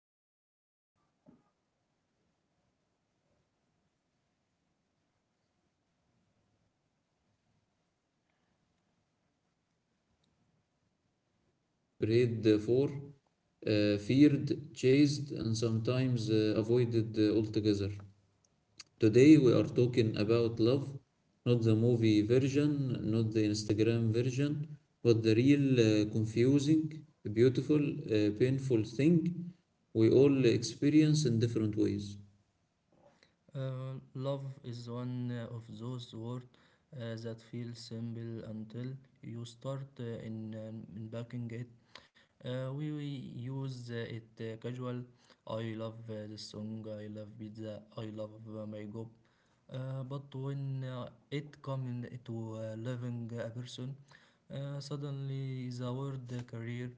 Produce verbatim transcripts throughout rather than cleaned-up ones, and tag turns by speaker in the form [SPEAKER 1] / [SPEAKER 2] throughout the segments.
[SPEAKER 1] Today's topic is uh, is one that everyone thinks uh, uh, they understand, yet uh, almost no one fully does. It's written about, sung about, uh, prayed for, uh, feared, chased, and sometimes uh, avoided uh, altogether. Today we are talking about love, not the movie version, not the Instagram version, but the real, uh, confusing, beautiful, uh, painful thing we all experience in different ways.
[SPEAKER 2] Uh, love is one of those words uh, that feel simple until you start uh, in uh, unpacking it. Uh, we, we use uh, it uh, casual. I love uh, this song. I love pizza. I love uh, my job. Uh, but when uh, it comes to uh, loving a person, uh, suddenly the word uh, career,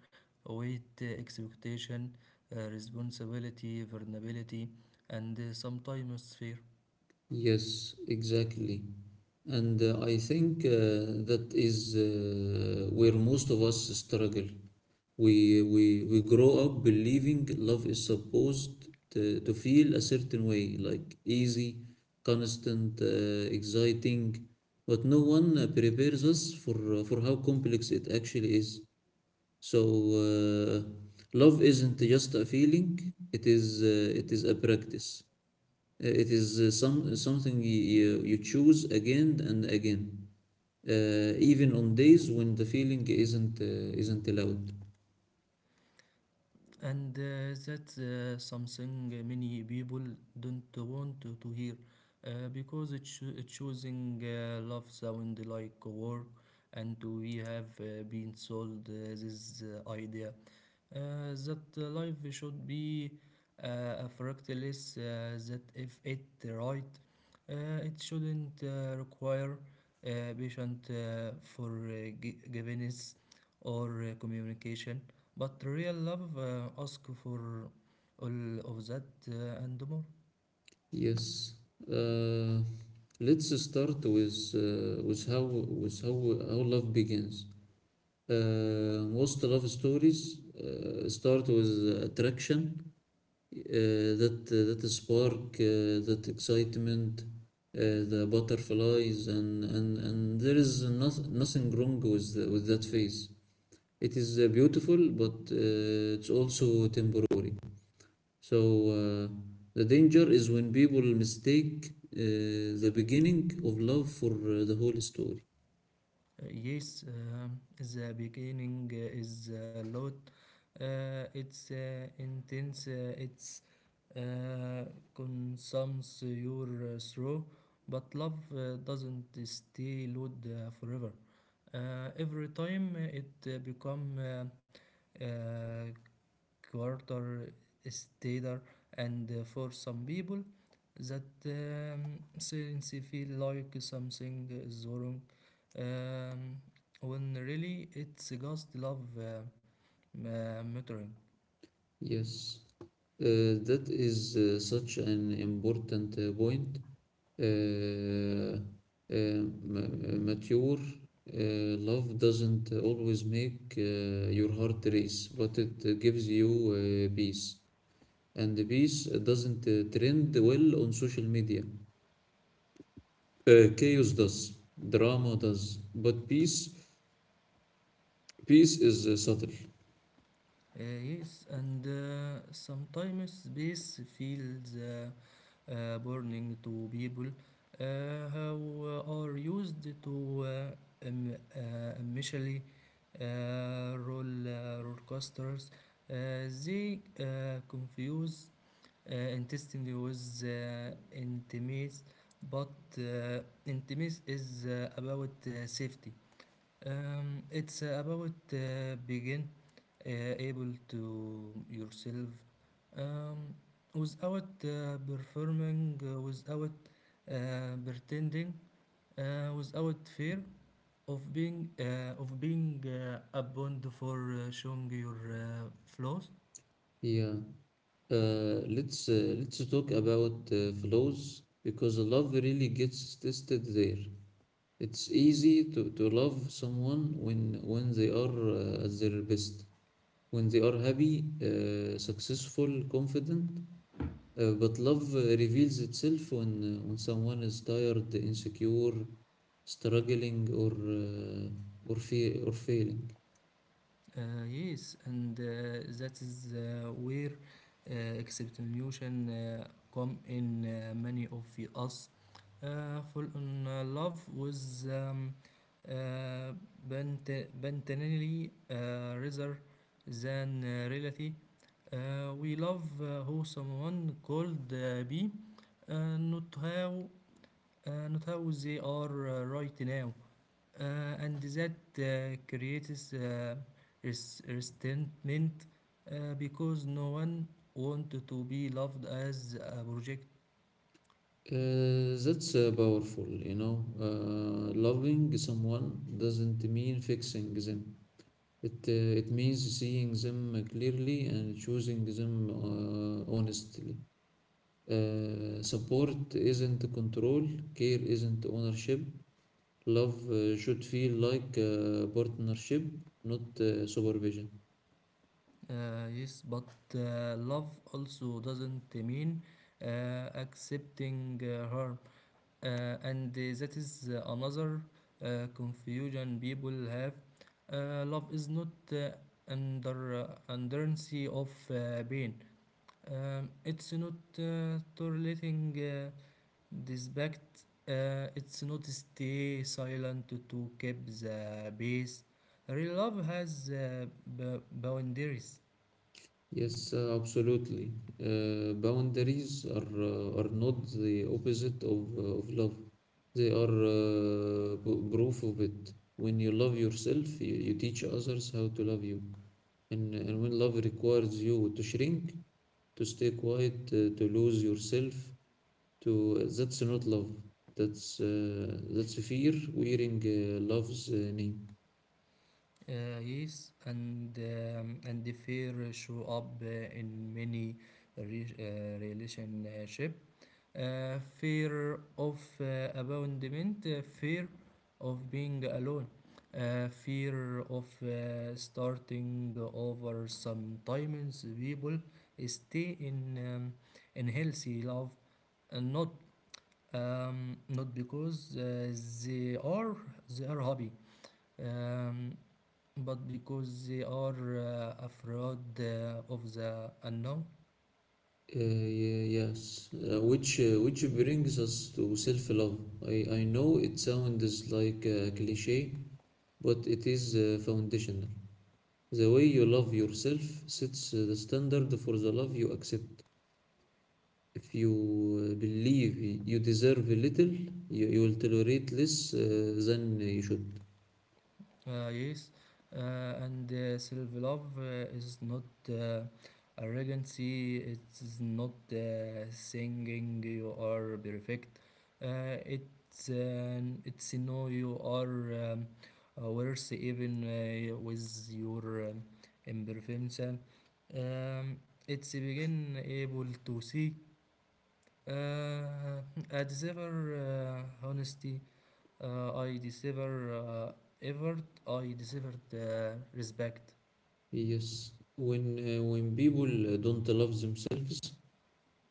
[SPEAKER 2] weight, uh, expectation, uh, responsibility, vulnerability, and uh, sometimes fear.
[SPEAKER 1] Yes, exactly. And uh, I think uh, that is uh, where most of us struggle. We, we, we grow up believing love is supposed to, to feel a certain way, like easy, constant, uh, exciting, but no one uh, prepares us for, uh, for how complex it actually is. So, uh, love isn't just a feeling, it is, uh, it is a practice. Uh, It is uh, some something you, you, you choose again and again, uh, even on days when the feeling isn't uh, isn't allowed.
[SPEAKER 2] and uh, that's uh, something many people don't want to, to hear uh, because it cho- it choosing uh, love sound like work, and we have uh, been sold uh, this uh, idea uh, that the life should be uh, a fractalist uh, that if it right uh, it shouldn't uh, require uh, patient uh, for uh, gi- givenness or uh, communication, but real love uh, ask for all of that uh, and more.
[SPEAKER 1] Yes. Uh, let's start with uh, with how with how how love begins. Uh, most love stories uh, start with uh, attraction uh, that uh, that spark, uh, that excitement, uh, the butterflies, and and and there is not, nothing wrong with the, with that phase. It is uh, beautiful, but uh, it's also temporary. So, uh, the danger is when people mistake uh, the beginning of love for uh, the whole story.
[SPEAKER 2] Uh, Yes, um, the beginning uh, is a lot. Uh, it's uh, intense. Uh, it's uh, consumes your uh, through, but love uh, doesn't stay loud uh, forever. Uh, every time uh, it uh, become uh, uh, quarter stater, and uh, for some people that um, since they feel like something is wrong, um, when really it's just love uh, uh, muttering.
[SPEAKER 1] Yes, uh, that is uh, such an important uh, point. uh, uh, uh, Mature uh, love doesn't always make uh, your heart race, but it uh, gives you uh, peace. And peace doesn't uh, trend well on social media. Uh, chaos does, drama does, but peace peace is uh, subtle.
[SPEAKER 2] Uh, yes, and uh, sometimes space feels uh, uh, burning to people uh, who are used to uh, um, uh, initially uh, roll, uh, roller coasters. Uh, they uh, confuse uh, intensity with uh, intimacy, but uh, intimacy is uh, about uh, safety. Um, it's uh, about uh, begin uh, able to yourself um, without uh, performing, uh, without uh, pretending, uh, without fear of being uh, of being uh, abandoned for uh, showing your uh, flaws.
[SPEAKER 1] Yeah. Uh, let's uh, let's talk about uh, flows because love really gets tested there. It's easy to, to love someone when when they are uh, at their best, when they are happy, uh, successful, confident. Uh, but love uh, reveals itself when uh, when someone is tired, insecure, struggling, or uh, or fe- or failing.
[SPEAKER 2] Uh, yes, and uh, that is uh, where uh, exceptionalism uh, come in. Uh, many of us uh, fall in uh, love with um, uh, bent- bentanily uh, rather than uh, reality. Uh, we love uh, who someone called uh, B, uh, not how uh, not how they are uh, right now, uh, and that uh, creates uh, res- resentment uh, because no one wants to be loved as a project.
[SPEAKER 1] Uh, that's uh, powerful, you know. Uh, loving someone doesn't mean fixing them. It uh, it means seeing them clearly and choosing them uh, honestly. Uh, support isn't control, care isn't ownership, love uh, should feel like a partnership, not uh, supervision.
[SPEAKER 2] Uh, yes, but uh, love also doesn't mean uh, accepting uh, harm, uh, and uh, that is uh, another uh, confusion people have. Uh, love is not uh, under uh, underency of uh, pain. Um, it's not uh, tolerating. Uh, Respect, uh, it's not stay silent to keep the peace. Real love has uh, b- boundaries.
[SPEAKER 1] Yes, uh, absolutely. Uh, boundaries are uh, are not the opposite of uh, of love. They are uh, p- proof of it. When you love yourself, you, you teach others how to love you. And and when love requires you to shrink, to stay quiet, uh, to lose yourself, to that's not love, that's uh, that's fear wearing uh, love's uh, name.
[SPEAKER 2] Uh, yes, and um, and the fear show up uh, in many re- uh, relationship. Uh, fear of uh, abandonment, uh, fear of being alone, uh, fear of uh, starting over. Sometimes people stay in um, in healthy love, and not um, not because uh, they are they are happy, um, but because they are uh, afraid uh, of the unknown.
[SPEAKER 1] Uh, yeah, yes uh, which uh, which brings us to self-love. I, I know it sounds like a cliche, but it is uh, foundational. The way you love yourself sets uh, the standard for the love you accept. If you uh, believe you deserve little, you, you will tolerate less uh, than you should.
[SPEAKER 2] Uh, yes, uh, and uh, self-love uh, is not uh, arrogancy. It is not uh, saying you are perfect. Uh, it's uh, it's no you are um, uh, worse even uh, with your um, imperfections. Um, it's begin able to see uh, a deserver uh, honesty. Uh, I deserve uh, effort. I deserve uh, respect.
[SPEAKER 1] Yes, when uh, when people uh, don't love themselves,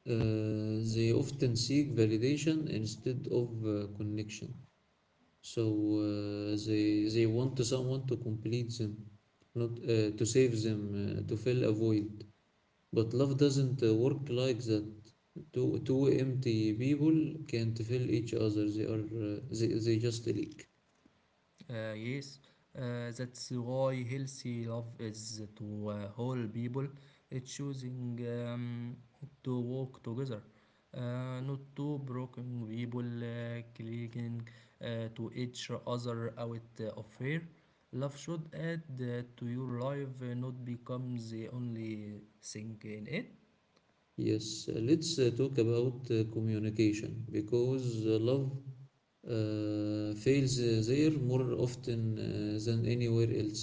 [SPEAKER 1] uh, they often seek validation instead of uh, connection. So uh, they they want someone to complete them, not uh, to save them, uh, to fill a void. But love doesn't uh, work like that. Two two empty people can't fill each other. They are uh, they they just leak.
[SPEAKER 2] Uh, yes, uh, that's why healthy love is to uh, whole people. It's choosing um, to walk together, uh, not to broken people uh, clinging uh, to each other out of fear. Love should add uh, to your life, uh, not become the only thing in it.
[SPEAKER 1] Yes, uh, let's uh, talk about uh, communication because uh, love uh, fails uh, there more often uh, than anywhere else.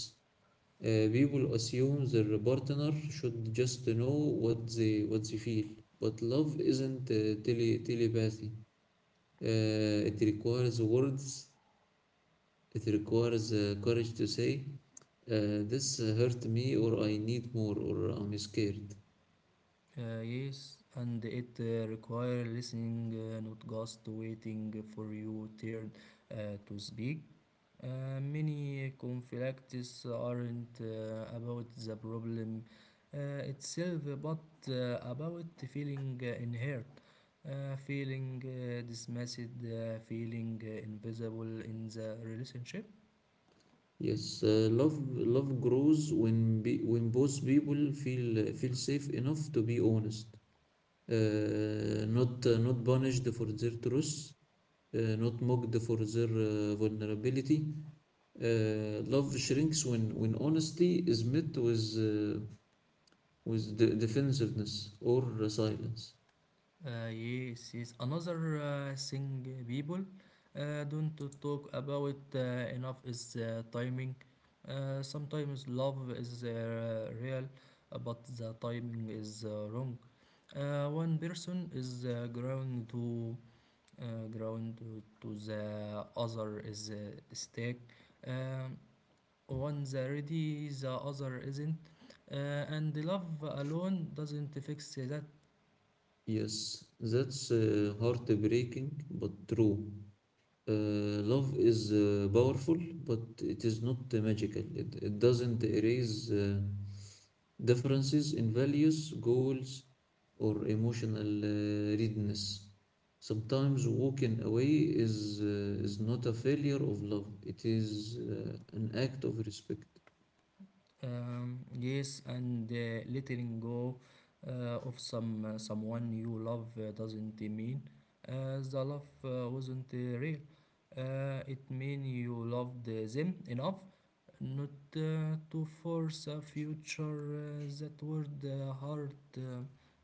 [SPEAKER 1] Uh, people assume their partner should just know what they what they feel, but love isn't uh, tele- telepathy. Uh, it requires words. It requires uh, courage to say, uh, "This hurt me," or "I need more," or "I'm scared."
[SPEAKER 2] Uh, yes, and it uh, requires listening, uh, not just waiting for your turn uh, to speak. Uh, many conflicts aren't uh, about the problem uh, itself, but uh, about feeling uh, inherit, uh, feeling uh, dismissed, uh, feeling uh, invisible in the relationship.
[SPEAKER 1] Yes, uh, love love grows when be, when both people feel feel safe enough to be honest, uh, not uh, not punished for their truth, uh, not mocked for their uh, vulnerability. Uh, love shrinks when when honesty is met with uh, with de- defensiveness or uh, silence.
[SPEAKER 2] Uh, yes, yes. Another uh, thing uh, people uh, don't talk about uh, enough is uh, timing. Uh, sometimes love is uh, real, uh, but the timing is uh, wrong. Uh, one person is uh, ground to uh, ground to, to the other is uh, stake. Um, One's ready, the other isn't, uh, and love alone doesn't fix that.
[SPEAKER 1] Yes, that's uh, heartbreaking but true. Uh, love is uh, powerful, but it is not uh, magical. It, it doesn't erase uh, differences in values, goals, or emotional uh, readiness. Sometimes walking away is, uh, is not a failure of love, it is uh, an act of respect.
[SPEAKER 2] Um, yes, and uh, letting go uh, of some uh, someone you love uh, doesn't mean uh, the love uh, wasn't uh, real. Uh, it means you loved uh, them enough not uh, to force a future uh, that would uh, hurt uh,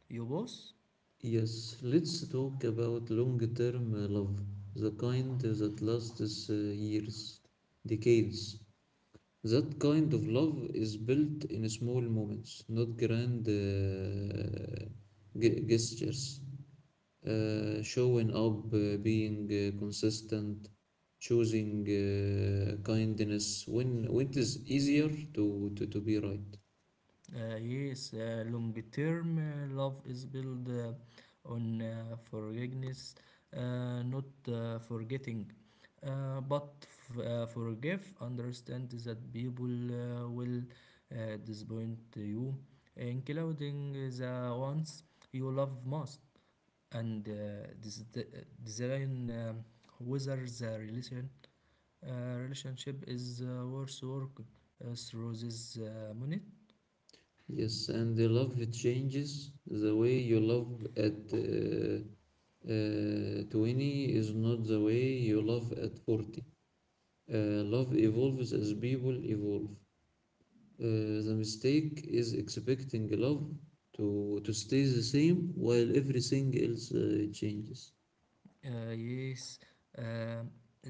[SPEAKER 2] you both.
[SPEAKER 1] Yes, let's talk about long term love, the kind that lasts uh, years, decades. That kind of love is built in small moments, not grand uh, ge- gestures. Uh, showing up, uh, being uh, consistent, choosing uh, kindness when when it is easier to, to, to be right.
[SPEAKER 2] Uh, yes, uh, long term uh, love is built uh, on uh, forgiveness, uh, not uh, forgetting. Uh, but f- uh, forgive, understand that people uh, will uh, disappoint you, including the ones you love most, and uh, this design, um, whether the relation, uh, relationship is uh, worth work uh, through this uh, minute.
[SPEAKER 1] Yes, and the love changes. The way you love at uh, uh, twenty is not the way you love at forty. Uh, Love evolves as people evolve. Uh, the mistake is expecting love to, to stay the same while everything else uh, changes.
[SPEAKER 2] Uh, yes, um,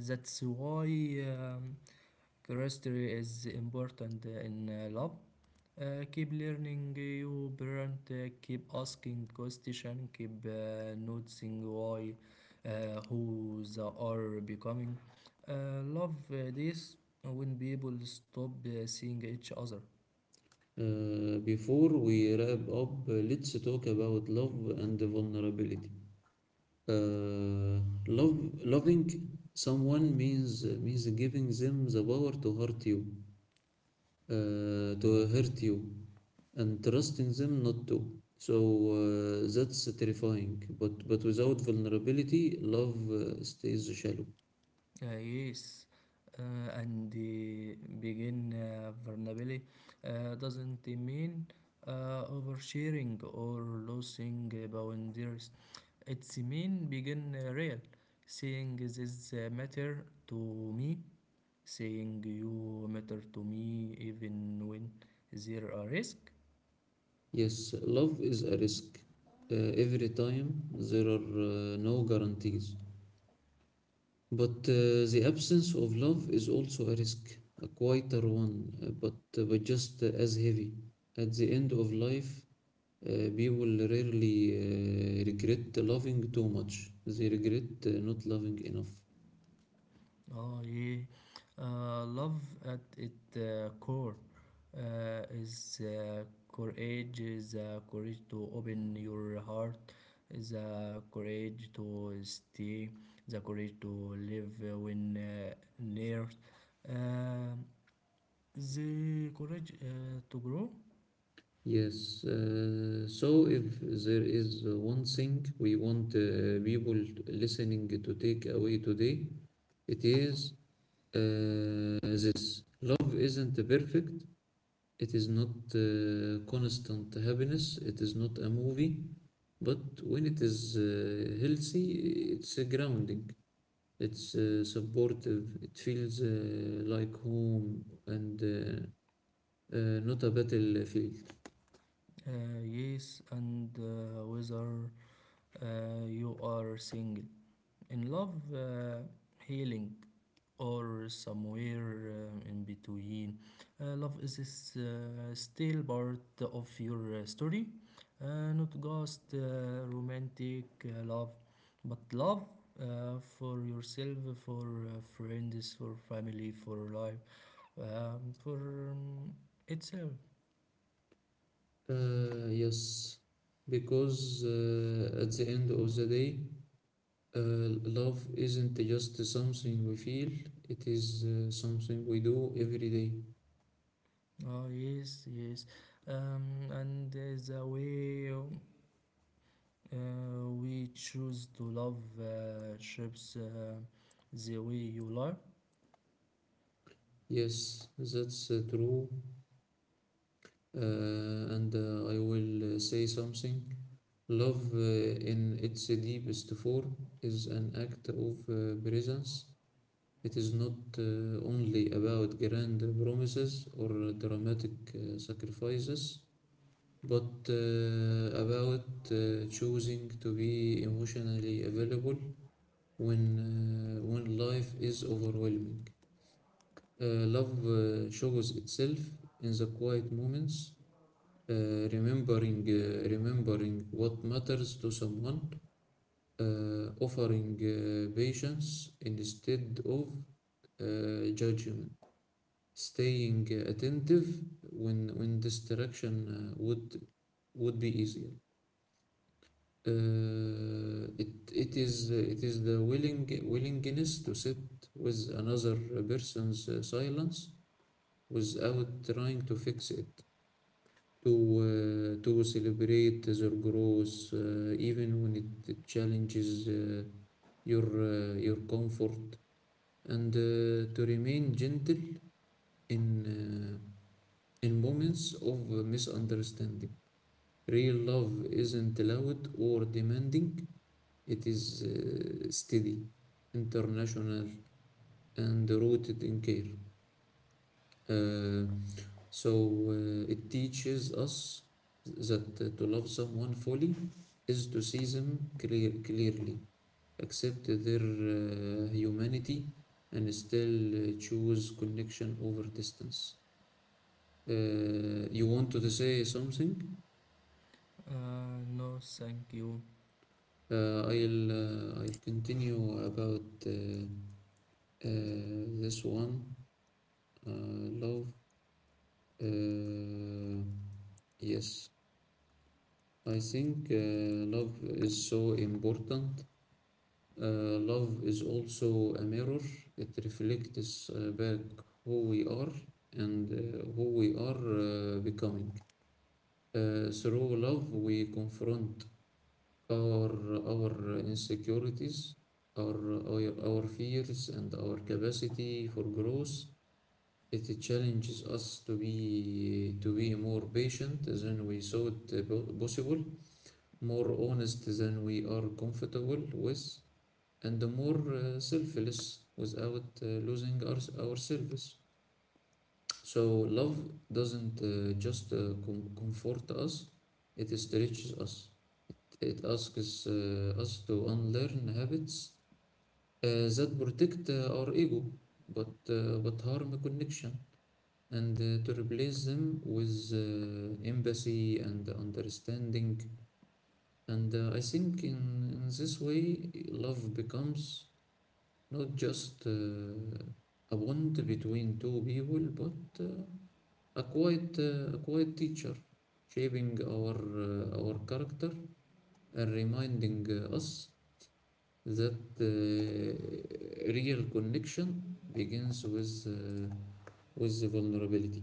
[SPEAKER 2] that's why um, curiosity is important in uh, love. Uh, keep learning your parent, uh, keep asking questions, keep uh, noticing why uh, who they are becoming. Uh, love uh, this when people stop uh, seeing each other.
[SPEAKER 1] Uh, before we wrap up, uh, let's talk about love and vulnerability. Uh, love, Loving someone means means giving them the power to hurt you, uh, to hurt you, and trusting them not to. So uh, that's terrifying. But but without vulnerability, love uh, stays shallow.
[SPEAKER 2] Uh, yes, uh, and the begin uh, vulnerability uh, doesn't mean uh, oversharing or losing uh, boundaries. It's mean begin uh, real, saying this uh, matter to me, saying you matter to me even when there are risk.
[SPEAKER 1] Yes, love is a risk. Uh, every time there are uh, no guarantees. But uh, the absence of love is also a risk, a quieter one, uh, but, uh, but just uh, as heavy. At the end of life, uh, people rarely uh, regret loving too much. They regret uh, not loving enough.
[SPEAKER 2] Oh yeah, uh, love at its uh, core uh, is uh, courage. Is uh, courage to open your heart. Is uh, courage to stay. The courage to live uh, when uh, near. Um the courage uh, to grow.
[SPEAKER 1] Yes, uh, so if there is uh, one thing we want uh, people listening to take away today, it is uh, this. Love isn't perfect, it is not uh, constant happiness. It is not a movie. But when it is uh, healthy, it's a grounding. It's uh, supportive. It feels uh, like home and uh, uh, not a battlefield.
[SPEAKER 2] Uh, yes, and uh, whether uh, you are single in love, uh, healing, or somewhere um, in between. Uh, love is this, uh, still part of your uh, story, uh, not just uh, romantic uh, love, but love uh, for yourself, for uh, friends, for family, for life, um, for um, itself.
[SPEAKER 1] Uh, yes, because uh, at the end of the day, uh, love isn't just something we feel, it is uh, something we do every day.
[SPEAKER 2] Oh, yes, yes. Um, and uh, the way uh, we choose to love uh, shapes uh, the way you love.
[SPEAKER 1] Yes, that's uh, true. Uh, and uh, I will uh, say something. Love, uh, in its deepest form, is an act of uh, presence. It is not uh, only about grand promises or dramatic uh, sacrifices, but uh, about uh, choosing to be emotionally available when uh, when life is overwhelming. Uh, love uh, shows itself in the quiet moments, uh, remembering uh, remembering what matters to someone, uh, offering uh, patience instead of uh, judgment, staying uh, attentive when when distraction uh, would would be easier. Uh, it it is uh, it is the willing willingness to sit with another person's uh, silence without trying to fix it, to uh, to celebrate their growth, uh, even when it challenges uh, your uh, your comfort, and uh, to remain gentle in uh, in moments of misunderstanding. Real love isn't loud or demanding; it is uh, steady, international, and rooted in care. Uh, so uh, it teaches us that uh, to love someone fully is to see them clear, clearly, accept their uh, humanity, and still uh, choose connection over distance. Uh, you want to say something?
[SPEAKER 2] Uh, no, thank you.
[SPEAKER 1] Uh, I'll uh, I'll continue about uh, uh, this one. Uh, love. Uh, yes. I think uh, love is so important. Uh, love is also a mirror. It reflects uh, back who we are and uh, who we are uh, becoming. Uh, through love, we confront our our insecurities, our, our our fears, and our capacity for growth. It challenges us to be to be more patient than we thought uh, po- possible, more honest than we are comfortable with, and more uh, selfless without uh, losing our, ourselves. So, love doesn't uh, just uh, com- comfort us, it stretches us. It asks uh, us to unlearn habits uh, that protect uh, our ego, but, uh, but harm connection. And uh, to replace them with uh, empathy and understanding. And uh, I think in, in this way, love becomes not just uh, a bond between two people, but uh, a quiet, uh, a quiet teacher, shaping our uh, our character and reminding uh, us that uh, real connection begins with uh, with the vulnerability.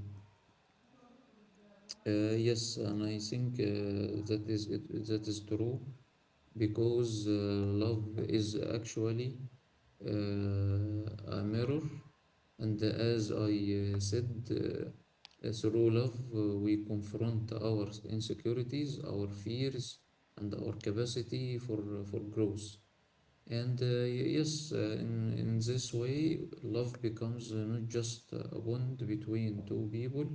[SPEAKER 1] Uh, yes, and I think uh, that is it, that is true because uh, love is actually uh, a mirror, and as I uh, said, uh, uh, through love, uh, we confront our insecurities, our fears, and our capacity for uh, for growth. And uh, y- yes, uh, in in this way, love becomes uh, not just a bond between two people,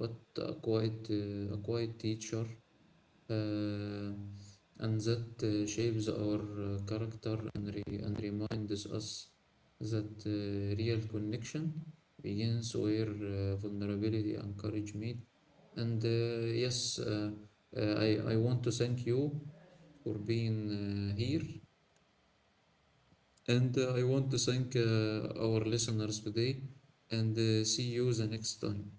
[SPEAKER 1] but a quiet uh, a quiet teacher, uh, and that uh, shapes our uh, character and, re- and reminds us that uh, real connection begins where uh, vulnerability and courage meet. And uh, yes, uh, uh, I, I want to thank you for being uh, here. And uh, I want to thank uh, our listeners today and uh, see you the next time.